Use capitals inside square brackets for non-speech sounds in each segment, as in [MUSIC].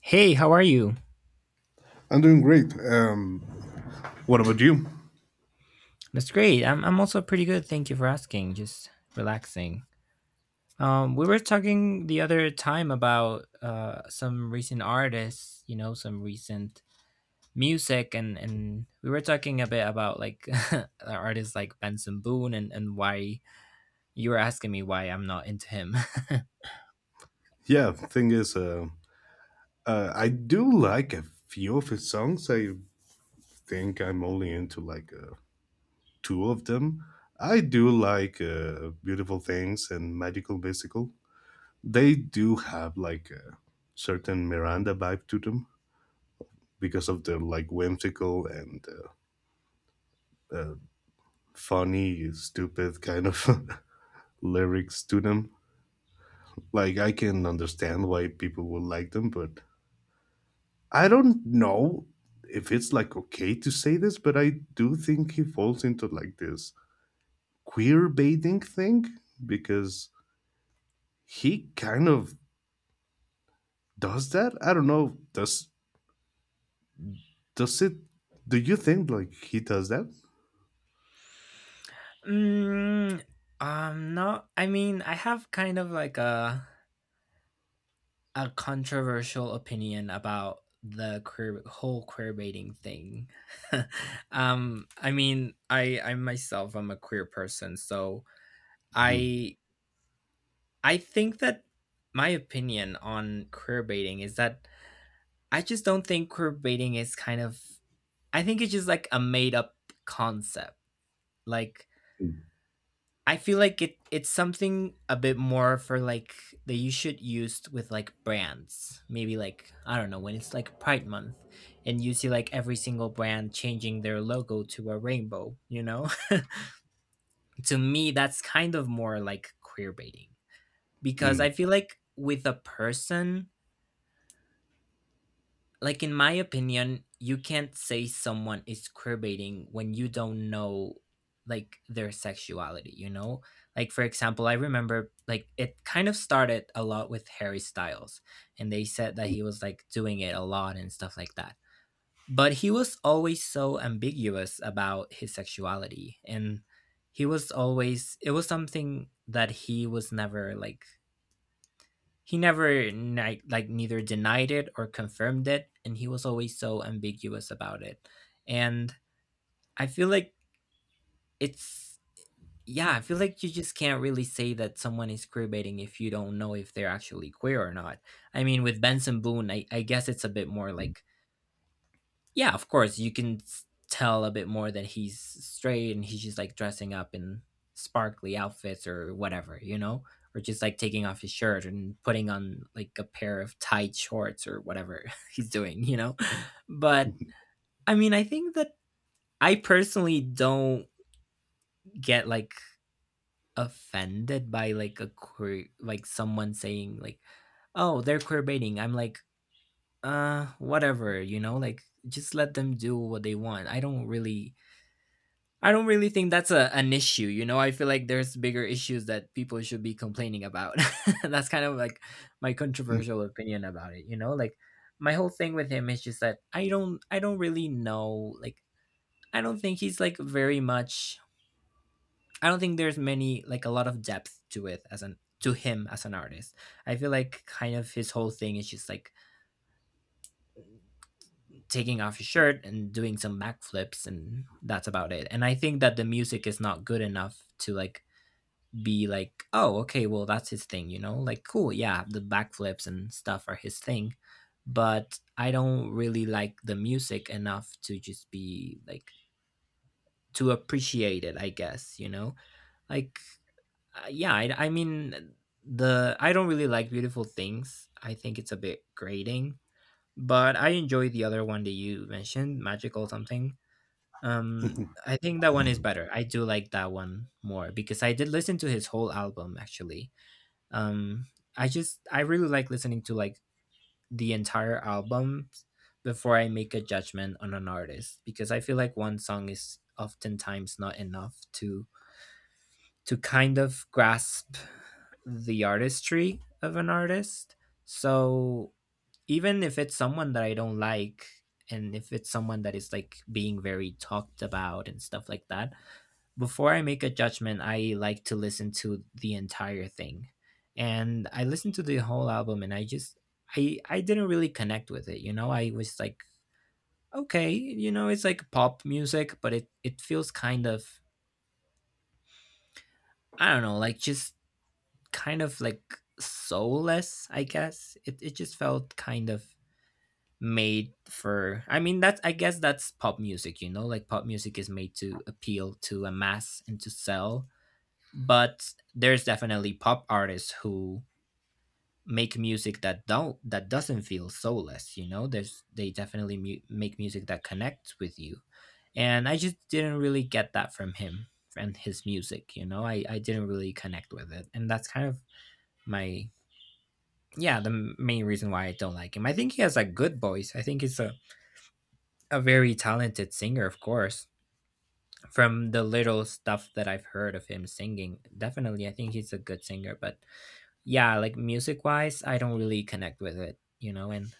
Hey, how are you? I'm doing great. What about you? That's great. I'm also pretty good. Thank you for asking. Just relaxing. We were talking the other time about some recent artists, you know, some recent music, and we were talking a bit about like [LAUGHS] artists like Benson Boone, and why you were asking me why I'm not into him. [LAUGHS] Yeah, thing is, uh, I do like a few of his songs. I think I'm only into like two of them. I do like Beautiful Things and Magical Mystical. They do have like a certain Miranda vibe to them because of their like whimsical and uh, funny, stupid kind of [LAUGHS] lyrics to them. Like, I can understand why people would like them, but I don't know if it's like okay to say this, but I do think he falls into like this queer baiting thing because he kind of does that. I don't know. Does it? Do you think like he does that? mm, no, I mean I have kind of like a controversial opinion about the queer whole queer baiting thing. [LAUGHS] I mean, I myself am a queer person, so Mhm. I I think that my opinion on queer baiting is that I just don't think queer baiting is kind of I think it's just like a made up concept. Like I feel like it's something a bit more for that you should use with like brands. Maybe like I don't know when it's like Pride Month, and you see like every single brand changing their logo to a rainbow. You know, [LAUGHS] to me that's kind of more like queer baiting because Mm. I feel like with a person like in my opinion you can't say someone is queerbaiting when you don't know like their sexuality, you know, like for example I remember like it kind of started a lot with Harry Styles and they said that Mhm. he was like doing it a lot and stuff like that. But he was always so ambiguous about his sexuality, and he was always it was something that he never like neither denied it or confirmed it, and he was always so ambiguous about it. And I feel like it's yeah, I feel like you just can't really say that someone is queer baiting if you don't know if they're actually queer or not. I mean, with Benson Boone, I guess it's a bit more like yeah, of course, you can tell a bit more that he's straight and he's just like dressing up in sparkly outfits or whatever, you know, or just like taking off his shirt and putting on like a pair of tight shorts or whatever [LAUGHS] he's doing, you know. But I mean, I think that I personally don't get like offended by a queer, like someone saying like, "Oh, they're queer baiting." I'm like, Whatever," you know, like just let them do what they want. I don't really think that's a, an issue, you know. I feel like there's bigger issues that people should be complaining about. [LAUGHS] That's kind of like my controversial opinion about it, you know? Like my whole thing with him is just that I don't really know like I don't think he's like very much I don't think there's many like a lot of depth to it as an to him as an artist. I feel like kind of his whole thing is just like taking off his shirt and doing some backflips, and that's about it. And I think that the music is not good enough to like be like, oh, okay, well, that's his thing, you know? Like, cool, yeah, the backflips and stuff are his thing. But I don't really like the music enough to just be like, to appreciate it, I guess, you know? Like, yeah, I mean, I don't really like Beautiful Things. I think it's a bit grating, but I enjoy the other one that you mentioned, Magical something. Um, [LAUGHS] I think that one is better. I do like that one more because I did listen to his whole album actually. um I just I really like listening to like the entire album before I make a judgment on an artist, because I feel like one song is oftentimes not enough to kind of grasp the artistry of an artist. So even if it's someone that I don't like, and if it's someone that is like being very talked about and stuff like that, before I make a judgment, I like to listen to the entire thing. And I listened to the whole album, and I just I didn't really connect with it, you know? I was like, okay, you know, it's like pop music, but it feels kind of I don't know, like just kind of like soulless, I guess. It just felt kind of made for I mean that's I guess that's pop music, you know? Like pop music is made to appeal to a mass and to sell, but there's definitely pop artists who make music that don't that doesn't feel soulless, you know. There's they definitely make music that connects with you, and I just didn't really get that from him and his music, you know. I didn't really connect with it, and that's kind of my yeah, the main reason why I don't like him. I think he has a good voice. I think he's a very talented singer, of course. From the little stuff that I've heard of him singing, definitely I think he's a good singer, but yeah, like music wise, I don't really connect with it, you know. And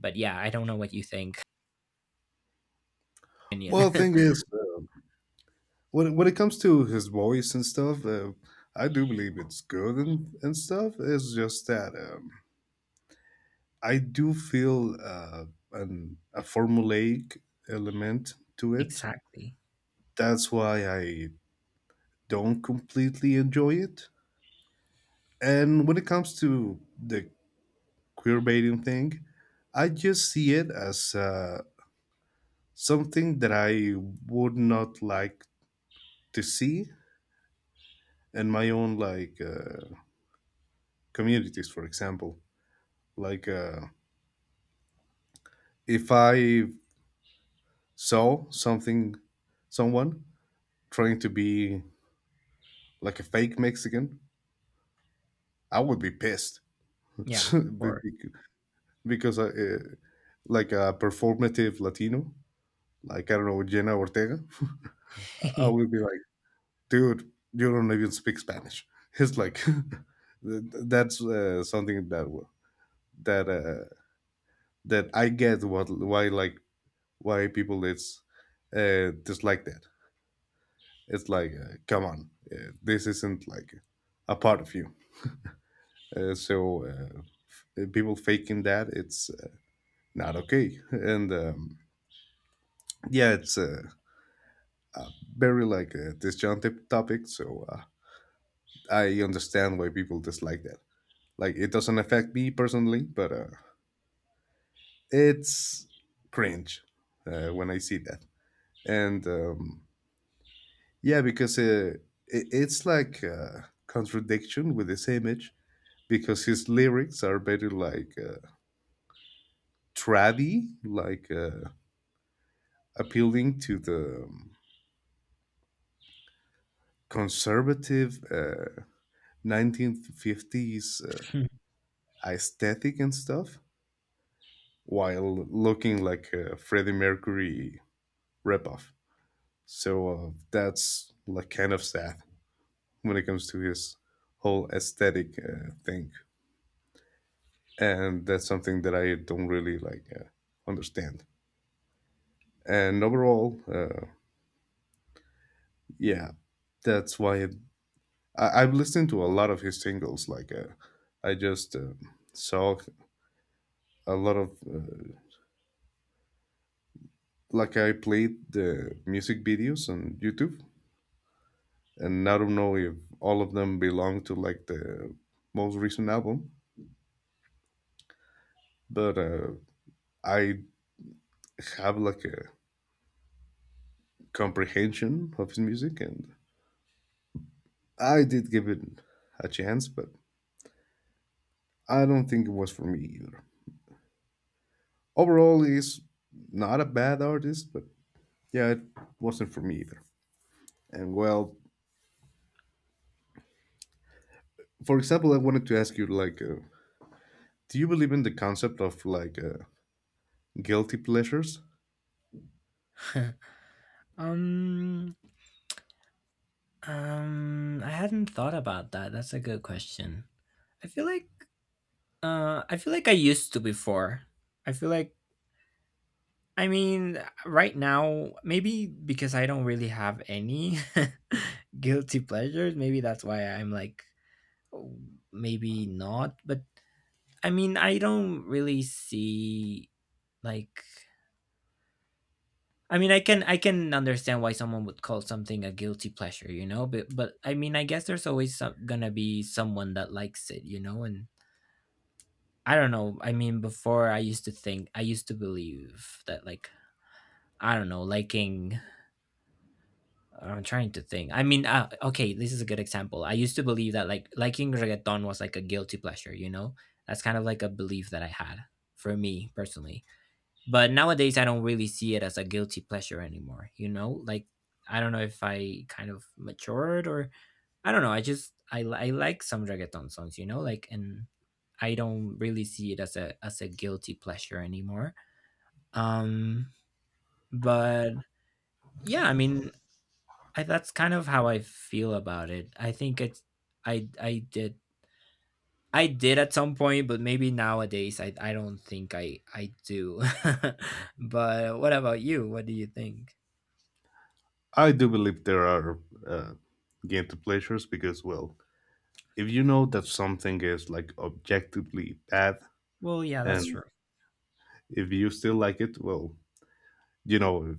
But yeah, I don't know what you think. [LAUGHS] Opinion. well, thing is, um when it comes to his voice and stuff, I do believe it's good and stuff. It's just that. I do feel a formulaic element to [LAUGHS] it. Exactly. That's why I don't completely enjoy it. And when it comes to the queerbaiting thing, I just see it as something that I would not like to see in my own like communities, for example. Like if I saw someone trying to be like a fake Mexican. I would be pissed. [LAUGHS] Yeah. Be- Or be- because like a performative Latino, like I don't know, Jenna Ortega, I would be [LAUGHS] like, dude, you don't even speak Spanish. [LAUGHS] It's like [LAUGHS] that's something that w- that that I get what why like why people it's dislike that. It's like come on, this isn't like a part of you. So people faking that, it's not okay. and. Yeah, it's a very like a disjunctive topic, so I understand why people dislike that. Like, it doesn't affect me personally, but it's cringe when I see that, and yeah, because it's like a contradiction with his image because his lyrics are very like trad-y, like appealing to the conservative 1950s aesthetic and stuff while looking like a Freddie Mercury ripoff. So that's like kind of sad when it comes to his whole aesthetic thing, and that's something that I don't really like understand. And overall, yeah, that's why it, I, I've listened to a lot of his singles. Like I just saw a lot of like I played the music videos on YouTube, and I don't know if all of them belong to like the most recent album, but I have like a comprehension of his music, and I did give it a chance, but I don't think it was for me either. Overall, he's not a bad artist, but yeah, it wasn't for me either. And well, for example, I wanted to ask you like, do you believe in the concept of like guilty pleasures? um I hadn't thought about that. That's a good question. I feel like I feel like I used to before. I feel like I mean right now maybe because I don't really have any [LAUGHS] guilty pleasures, maybe that's why I'm like oh, maybe not. But I mean, I don't really see like I mean, I can understand why someone would call something a guilty pleasure, you know, but I mean, I guess there's always gonna be someone that likes it, you know, and I don't know. I mean, before I used to think, I used to believe that like I don't know, liking. I'm trying to think. I mean, okay, this is a good example. I used to believe that like liking reggaeton was like a guilty pleasure, you know. That's kind of like a belief that I had for me personally, but nowadays I don't really see it as a guilty pleasure anymore, you know. Like I don't know if I kind of matured or I don't know, I just I like some reggaeton songs, you know, like. And I don't really see it as a guilty pleasure anymore. um but yeah, I mean, that's kind of how I feel about it. I think it's i i did I did at some point, but maybe nowadays I don't think I do. [LAUGHS] But what about you? What do you think? I do believe there are uh, guilty pleasures because well, if you know that something is like objectively bad, Well, yeah, that's and true. if you still like it, well, you know,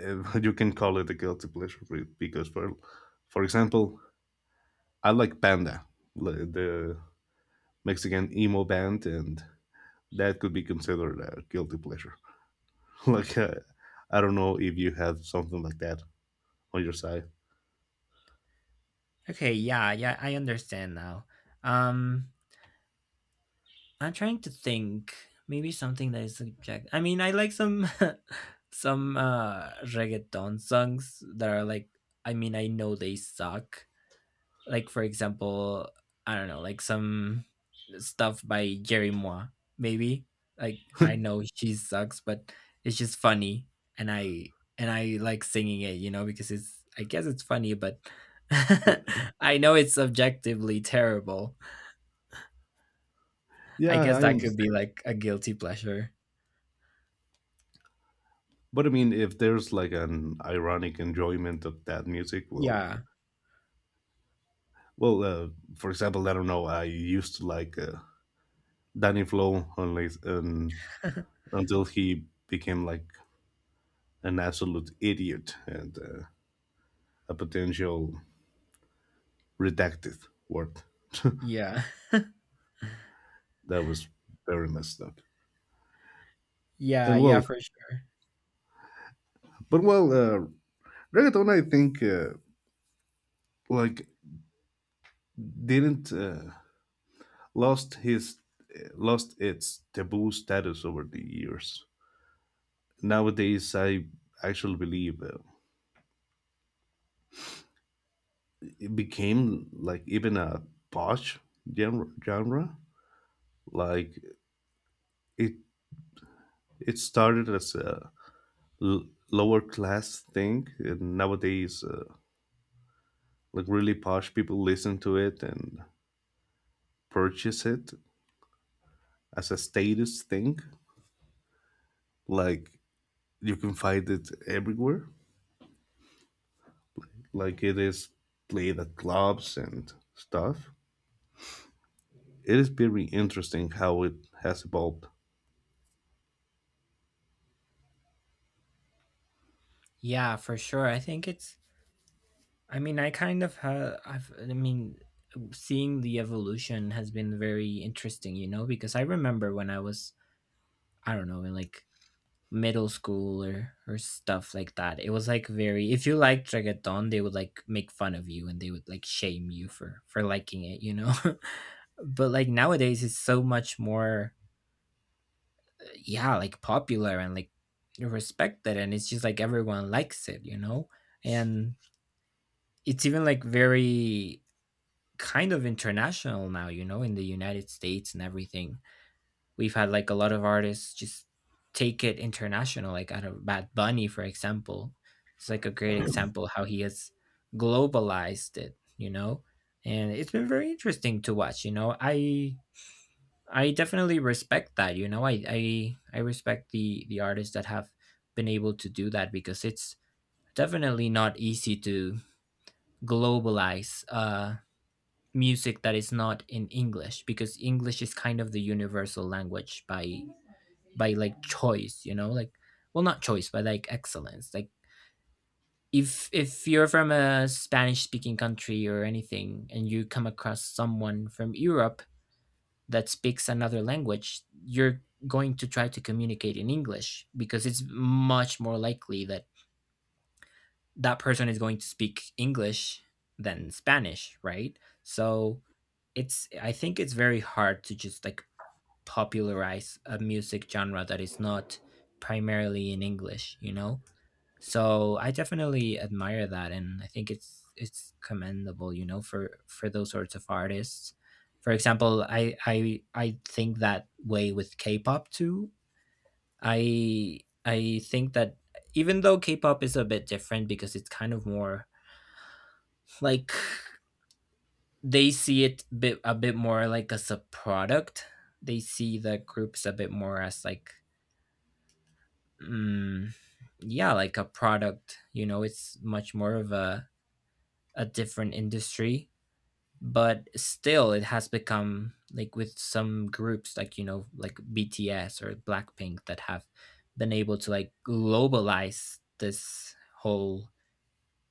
[LAUGHS] you can call it a guilty pleasure. Because for example, I like Panda, the Mexican emo band, and that could be considered a guilty pleasure. [LAUGHS] Like I don't know if you have something like that on your side. Okay, yeah, yeah, I understand now. Um, I'm trying to think maybe something that is subject. I mean, I like some [LAUGHS] some reggaeton songs that are like I mean, I know they suck, like for example I don't know like some stuff by Jerry Moore maybe. Like I know she sucks, but it's just funny, and I like singing it, you know, because it's I guess it's funny but [LAUGHS] Yeah, I know it's objectively terrible. I yeah, guess I that could understand, be like a guilty pleasure. but I mean, if there's like an ironic enjoyment of that music, well. Yeah, Well, for example, I don't know. I used to like Danny Flow only, until he became like an absolute idiot and a potential redacted word. yeah. That was very messed up. [LAUGHS] Yeah, And yeah, well, for sure. but well, reggaeton, I think, like didn't lost his lost its taboo status over the years. Nowadays, I actually believe. Became like even a posh genre. Like it it started as a lower class thing, and nowadays like really posh people listen to it and purchase it as a status thing. Like you can find it everywhere. Like it is played at clubs and stuff. It is very interesting how it has evolved. Yeah, for sure. I think it's I mean, I kind of have. I mean, seeing the evolution has been very interesting, you know, because I remember when I was, I don't know, in like middle school or stuff like that. It was like very. If you liked reggaeton, they would like make fun of you and they would like shame you for liking it, you know. [LAUGHS] But like nowadays, it's so much more, yeah, like popular and like respected, and it's just like everyone likes it, you know. And it's even like very kind of international now, you know, in the United States and everything. We've had like a lot of artists just take it international, like out of Bad Bunny, for example. It's like a great example how he has globalized it, you know? And it's been very interesting to watch, you know. I definitely respect that, you know. I respect the artists that have been able to do that, because it's definitely not easy to globalize music that is not in English, because English is kind of the universal language by like choice, you know, like well not choice, but like excellence. Like if you're from a Spanish speaking country or anything and you come across someone from Europe that speaks another language, you're going to try to communicate in English, because it's much more likely that that person is going to speak English than Spanish, right? So it's I think it's very hard to just like popularize a music genre that is not primarily in English, you know? So I definitely admire that, and I think it's commendable, you know, for those sorts of artists. For example, I think that way with K-pop too. I think that even though K-pop is a bit different because it's kind of more like they see it bit a bit more like as a product. They see the groups a bit more as like mm, yeah, like a product. You know, it's much more of a different industry, but still, it has become like with some groups like, you know, like BTS or Blackpink that have been able to like globalize this whole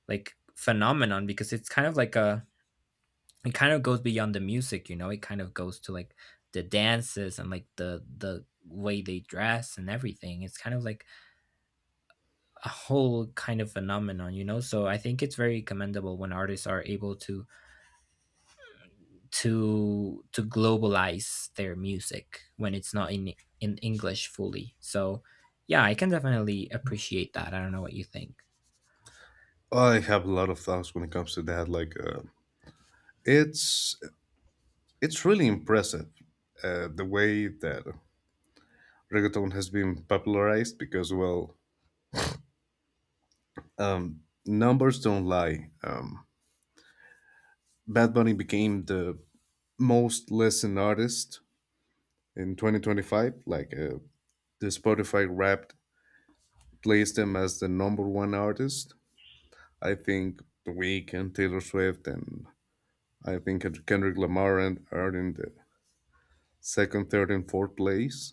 like phenomenon because it kind of goes beyond the music, you know. It kind of goes to like the dances and like the way they dress and everything. It's kind of like a whole kind of phenomenon, you know. So I think it's very commendable when artists are able to to globalize their music when it's not in in English fully. So yeah, I can definitely appreciate that. I don't know what you think. I have a lot of thoughts when it comes to that. Like it's it's really impressive the way that reggaeton has been popularized because, well, numbers don't lie. Bad Bunny became the most listened artist in 2025. Like the Spotify Wrapped placed him as the number one artist. I think The Weeknd, Taylor Swift, and I think Kendrick Lamar are in the second, third, and fourth place.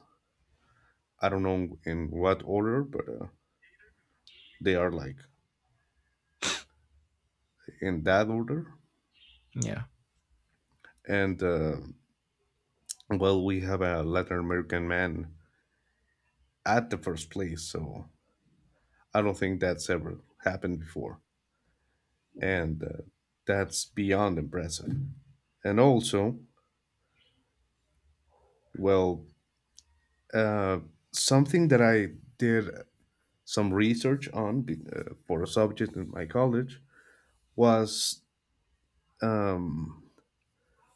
I don't know in what order, but they are like in that order. Yeah. And well, we have a Latin American man at the first place, so I don't think that's ever happened before, and that's beyond impressive. And also, well, uh, something that I did some research on for a subject in my college was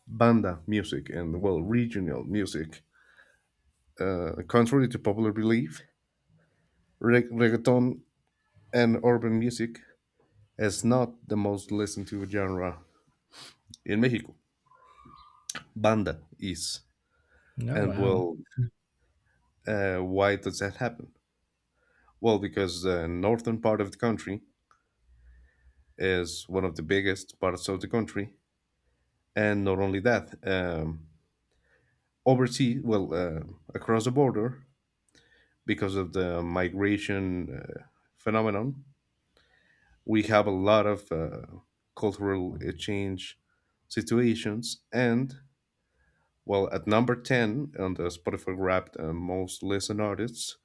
banda music and well regional music. Contrary to popular belief, reggaeton and urban music, it's not the most listened to genre in Mexico. Banda is. No. And Wow. well, why does that happen? Well, because the northern part of the country is one of the biggest parts of the country. And not only that, overseas, well, across the border, because of the migration phenomenon, we have a lot of cultural exchange situations. And well, at number 10 on the Spotify Wrapped most listened artists,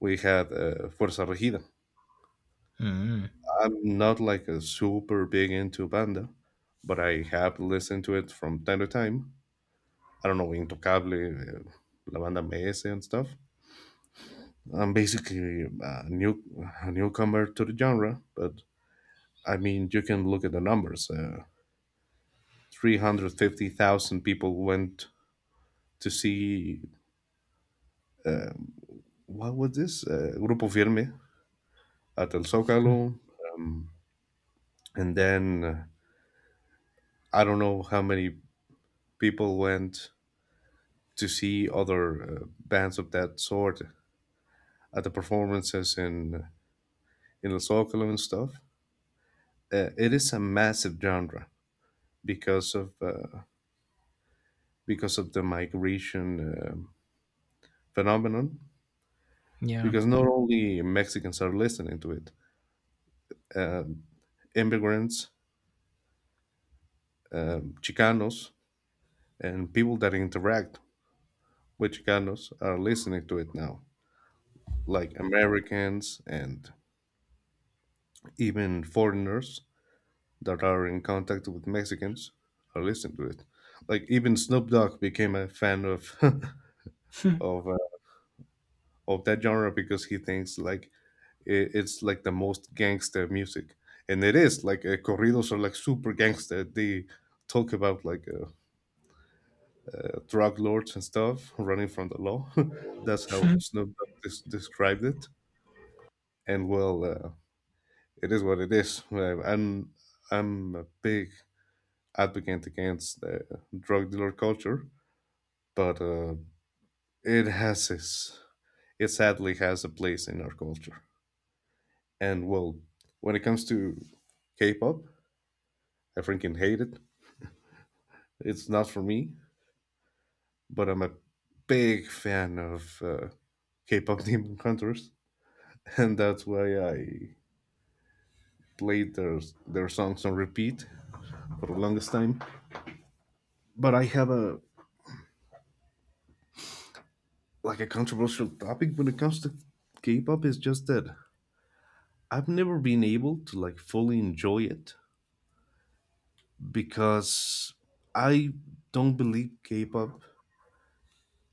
we had Fuerza Regida. Mm. I'm not like a super big into banda, but I have listened to it from time to time. I don't know, Intocable, La Banda MS, and stuff. I'm basically a newcomer to the genre, but I mean, you can look at the numbers. 350,000 people went to see, what was this? Grupo Firme at El Zócalo. And then I don't know how many people went to see other bands of that sort at the performances in El Zócalo and stuff. It is a massive genre because of uh, because of the migration phenomenon. Yeah. Because not only Mexicans are listening to it, uh, immigrants, Chicanos, and people that interact with Chicanos are listening to it now, like Americans and even foreigners that are in contact with Mexicans are listening to it. Like even Snoop Dogg became a fan of [LAUGHS] [LAUGHS] of uh, of that genre because he thinks like it's like the most gangster music, and it is like corridos are like super gangster. They talk about like drug lords and stuff running from the law. [LAUGHS] That's how Snoop Dogg described it. And well, it is what it is. I'm a big advocate against drug dealer culture, but it has its it sadly has a place in our culture. And well, when it comes to K-pop, I freaking hate it. It's not for me, but I'm a big fan of K-pop [LAUGHS] Demon Hunters, and that's why I played their songs on repeat for the longest time. But I have a like a controversial topic when it comes to K-pop is just that I've never been able to like fully enjoy it because I don't believe K-pop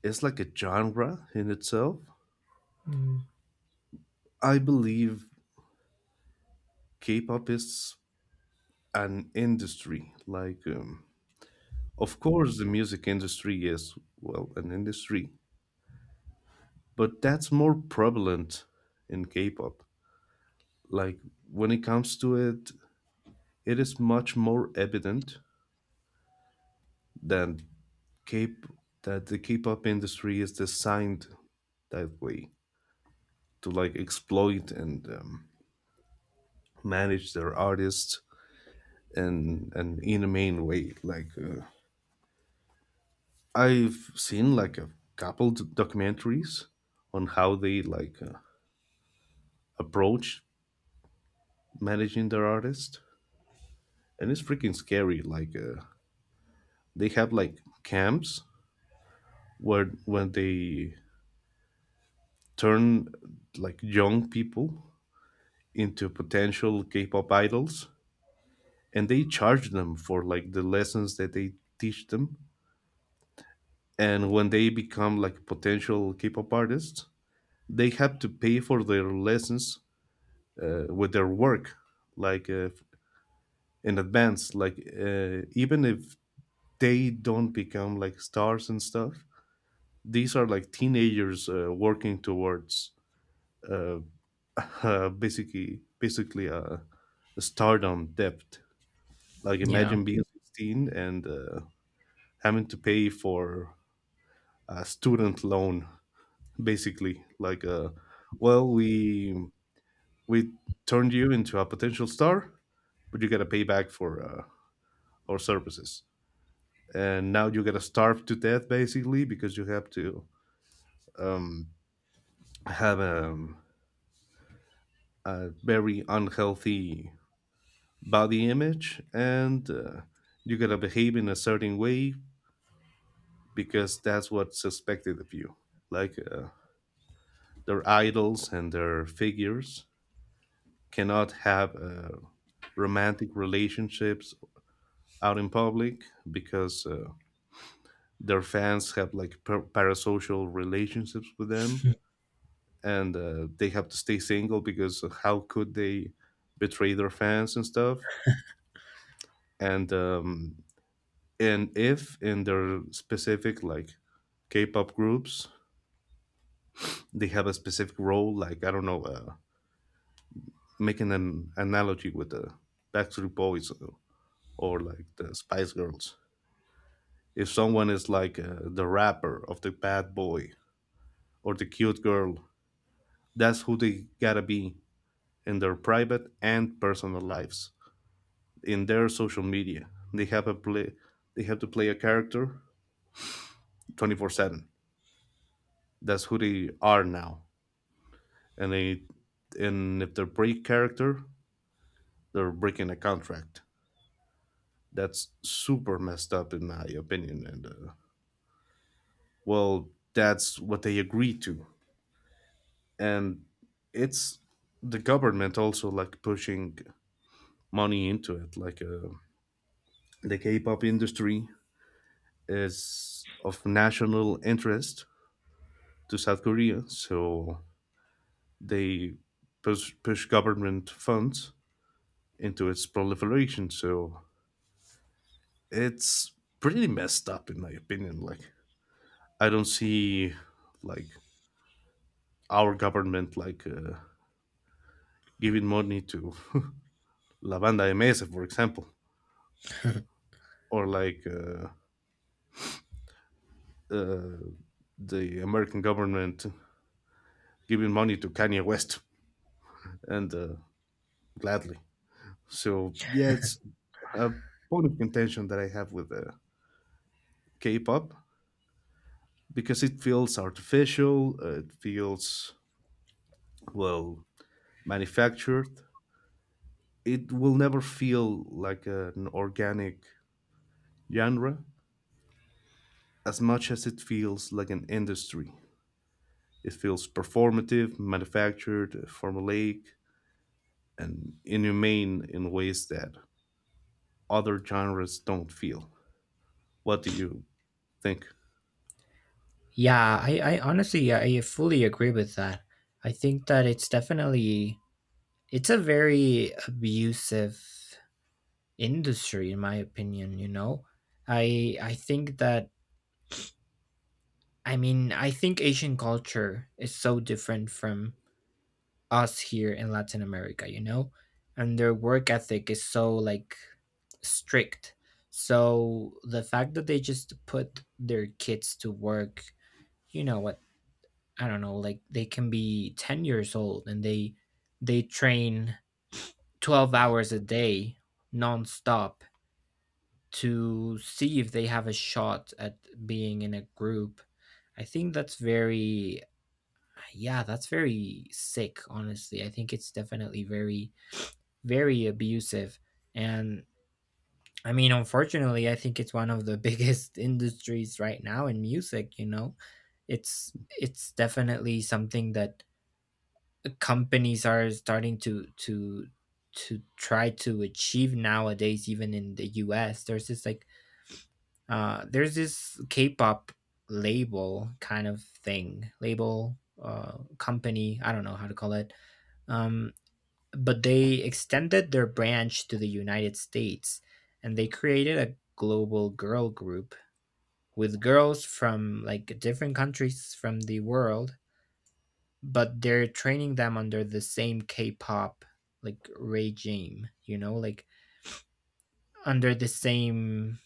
is like a genre in itself. Mm. I believe K-pop is an industry. Like, of course, the music industry is well an industry, but that's more prevalent in K-pop. Like when it comes to it, it is much more evident than K that the K-pop industry is designed that way to like exploit and manage their artists, and in a main way. Like I've seen like a couple documentaries on how they like approach managing their artists, and it's freaking scary. Like they have like camps where when they turn like young people into potential K-pop idols, and they charge them for like the lessons that they teach them. And when they become like potential K-pop artists, they have to pay for their lessons with their work, like in advance. Like even if they don't become like stars and stuff, these are like teenagers working towards uh, [LAUGHS] basically a stardom debt. Like Yeah. imagine being 16 and having to pay for a student loan, basically. Like well, we turned you into a potential star, but you got to pay back for our services. And now you got to starve to death basically because you have to um, have a very unhealthy body image, and you got to behave in a certain way because that's what's expected of you. Like their idols and their figures cannot have romantic relationships out in public because their fans have like parasocial relationships with them, and they have to stay single because how could they betray their fans and stuff. And and if in their specific like K-pop groups they have a specific role, like I don't know, making an analogy with the Backstreet Boys, or like the Spice Girls, if someone is like the rapper of the bad boy or the cute girl, that's who they gotta be in their private and personal lives, in their social media. They have a play. They have to play a character 24/7. That's who they are now. And they, and if they break character, they're breaking a contract. That's super messed up in my opinion. And well, that's what they agreed to, and it's the government also like pushing money into it, like. The K-pop industry is of national interest to South Korea, so they push government funds into its proliferation. So it's pretty messed up, in my opinion. Like, I don't see like our government like giving money to La Banda MS, for example, or like uh, the American government giving money to Kanye West, and gladly. So yeah, it's a point of contention that I have with K-pop because it feels artificial. It feels well manufactured. It will never feel like an organic genre as much as it feels like an industry. It feels performative, manufactured, formulaic, and inhumane in ways that other genres don't feel. What do you think? Yeah. I honestly, yeah, I fully agree with that. I think that it's definitely it's a very abusive industry, in my opinion, you know. I think that I mean, I think Asian culture is so different from us here in Latin America, you know? And their work ethic is so like strict. So the fact that they just put their kids to work, you know, at I don't know, like they can be 10 years old and they train 12 hours a day nonstop to see if they have a shot at being in a group. I think that's very yeah, that's very sick, honestly. I think it's definitely very very abusive, and I mean unfortunately I think it's one of the [LAUGHS] biggest industries right now in music, you know. It's definitely something that companies are starting to to try to achieve nowadays. Even in the US there's this like there's this K-pop label kind of thing, label company, I don't know how to call it, um but they extended their branch to the United States and they created a global girl group with girls from like different countries from the world, but they're training them under the same K-pop like regime, you know, like under the same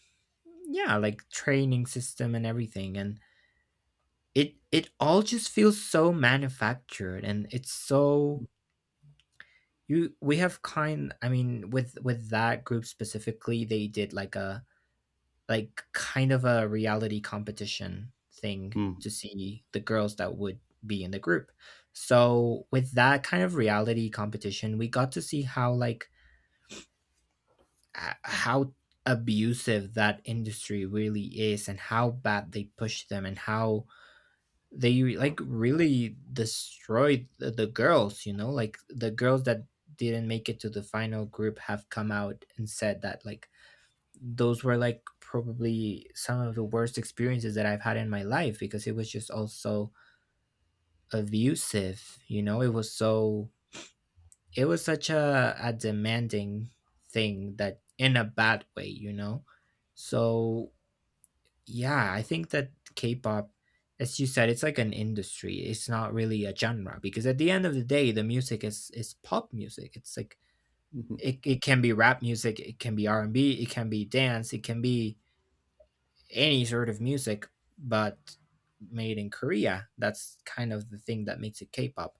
yeah, like training system and everything. And it all just feels so manufactured, and it's so you we have kind I mean with that group specifically they did like a like kind of a reality competition thing Mm. to see the girls that would be in the group. So with that kind of reality competition, we got to see how like how abusive that industry really is and how bad they push them and how they like really destroyed the girls, you know? Like the girls that didn't make it to the final group have come out and said that like those were like probably some of the worst experiences that I've had in my life because it was just also abusive. You know, it was so, it was such a demanding thing, that in a bad way, you know? So, yeah, I think that K pop, as you said, it's like an industry. It's not really a genre because at the end of the day, the music is pop music. It's like, Mhm. it can be rap music, it can be R&B, it can be dance, it can be any sort of music, but made in Korea. That's kind of the thing that makes it K-pop.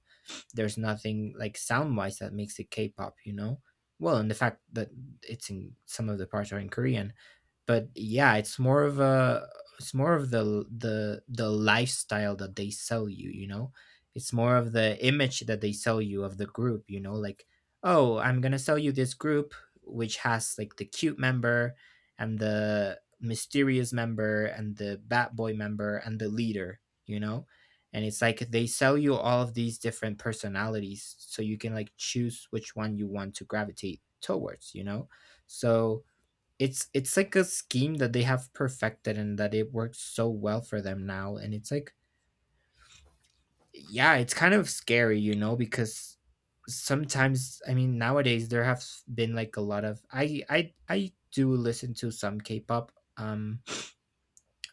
There's nothing like sound-wise that makes it K-pop, you know? Well, and the fact that it's in some of the parts are in Korean, but yeah, it's more of a it's more of the lifestyle that they sell you, you know. It's more of the image that they sell you of the group, you know, like oh, I'm going to sell you this group which has like the cute member and the mysterious member and the bat boy member and the leader, you know. And it's like they sell you all of these different personalities so you can like choose which one you want to gravitate towards, you know. So it's like a scheme that they have perfected and that it works so well for them now, and it's like yeah, it's kind of scary, you know, because sometimes I mean nowadays there have been like a lot of I do listen to some k-pop,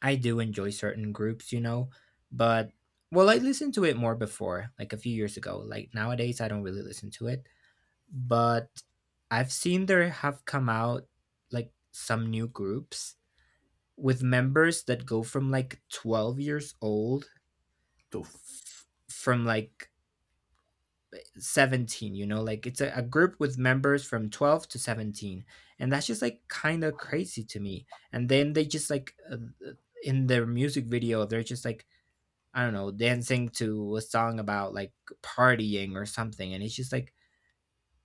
I do enjoy certain groups, you know, but well, I listened to it more before, like a few years ago. Like nowadays I don't really listen to it, but I've seen there have come out like some new groups with members that go from like 12 years old Tough. From like 17, you know. Like it's a group with members from 12 to 17, and that's just like kind of crazy to me. And then they just like uh, in their music video they're just like I don't know dancing to a song about like partying or something, and it's just like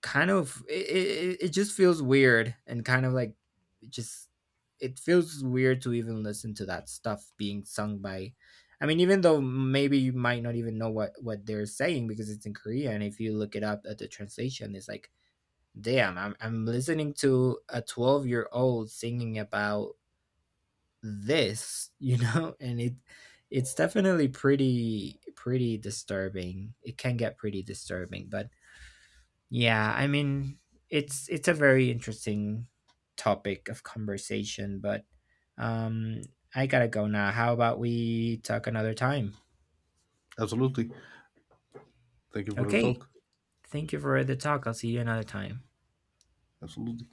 kind of it just feels weird and kind of like it just it feels weird to even listen to that stuff being sung by I mean even though maybe you might not even know what they're saying because it's in Korea, and if you look it up at the translation it's like damn, I'm listening to a 12-year-old singing about this, you know. [LAUGHS] And it's definitely pretty pretty disturbing. It can get pretty disturbing, but yeah, I mean, it's a very interesting topic of conversation, but um I got to go now. How about we talk another time? Absolutely. Thank you for the Okay. talk. Thank you for the talk. I'll see you another time. Absolutely.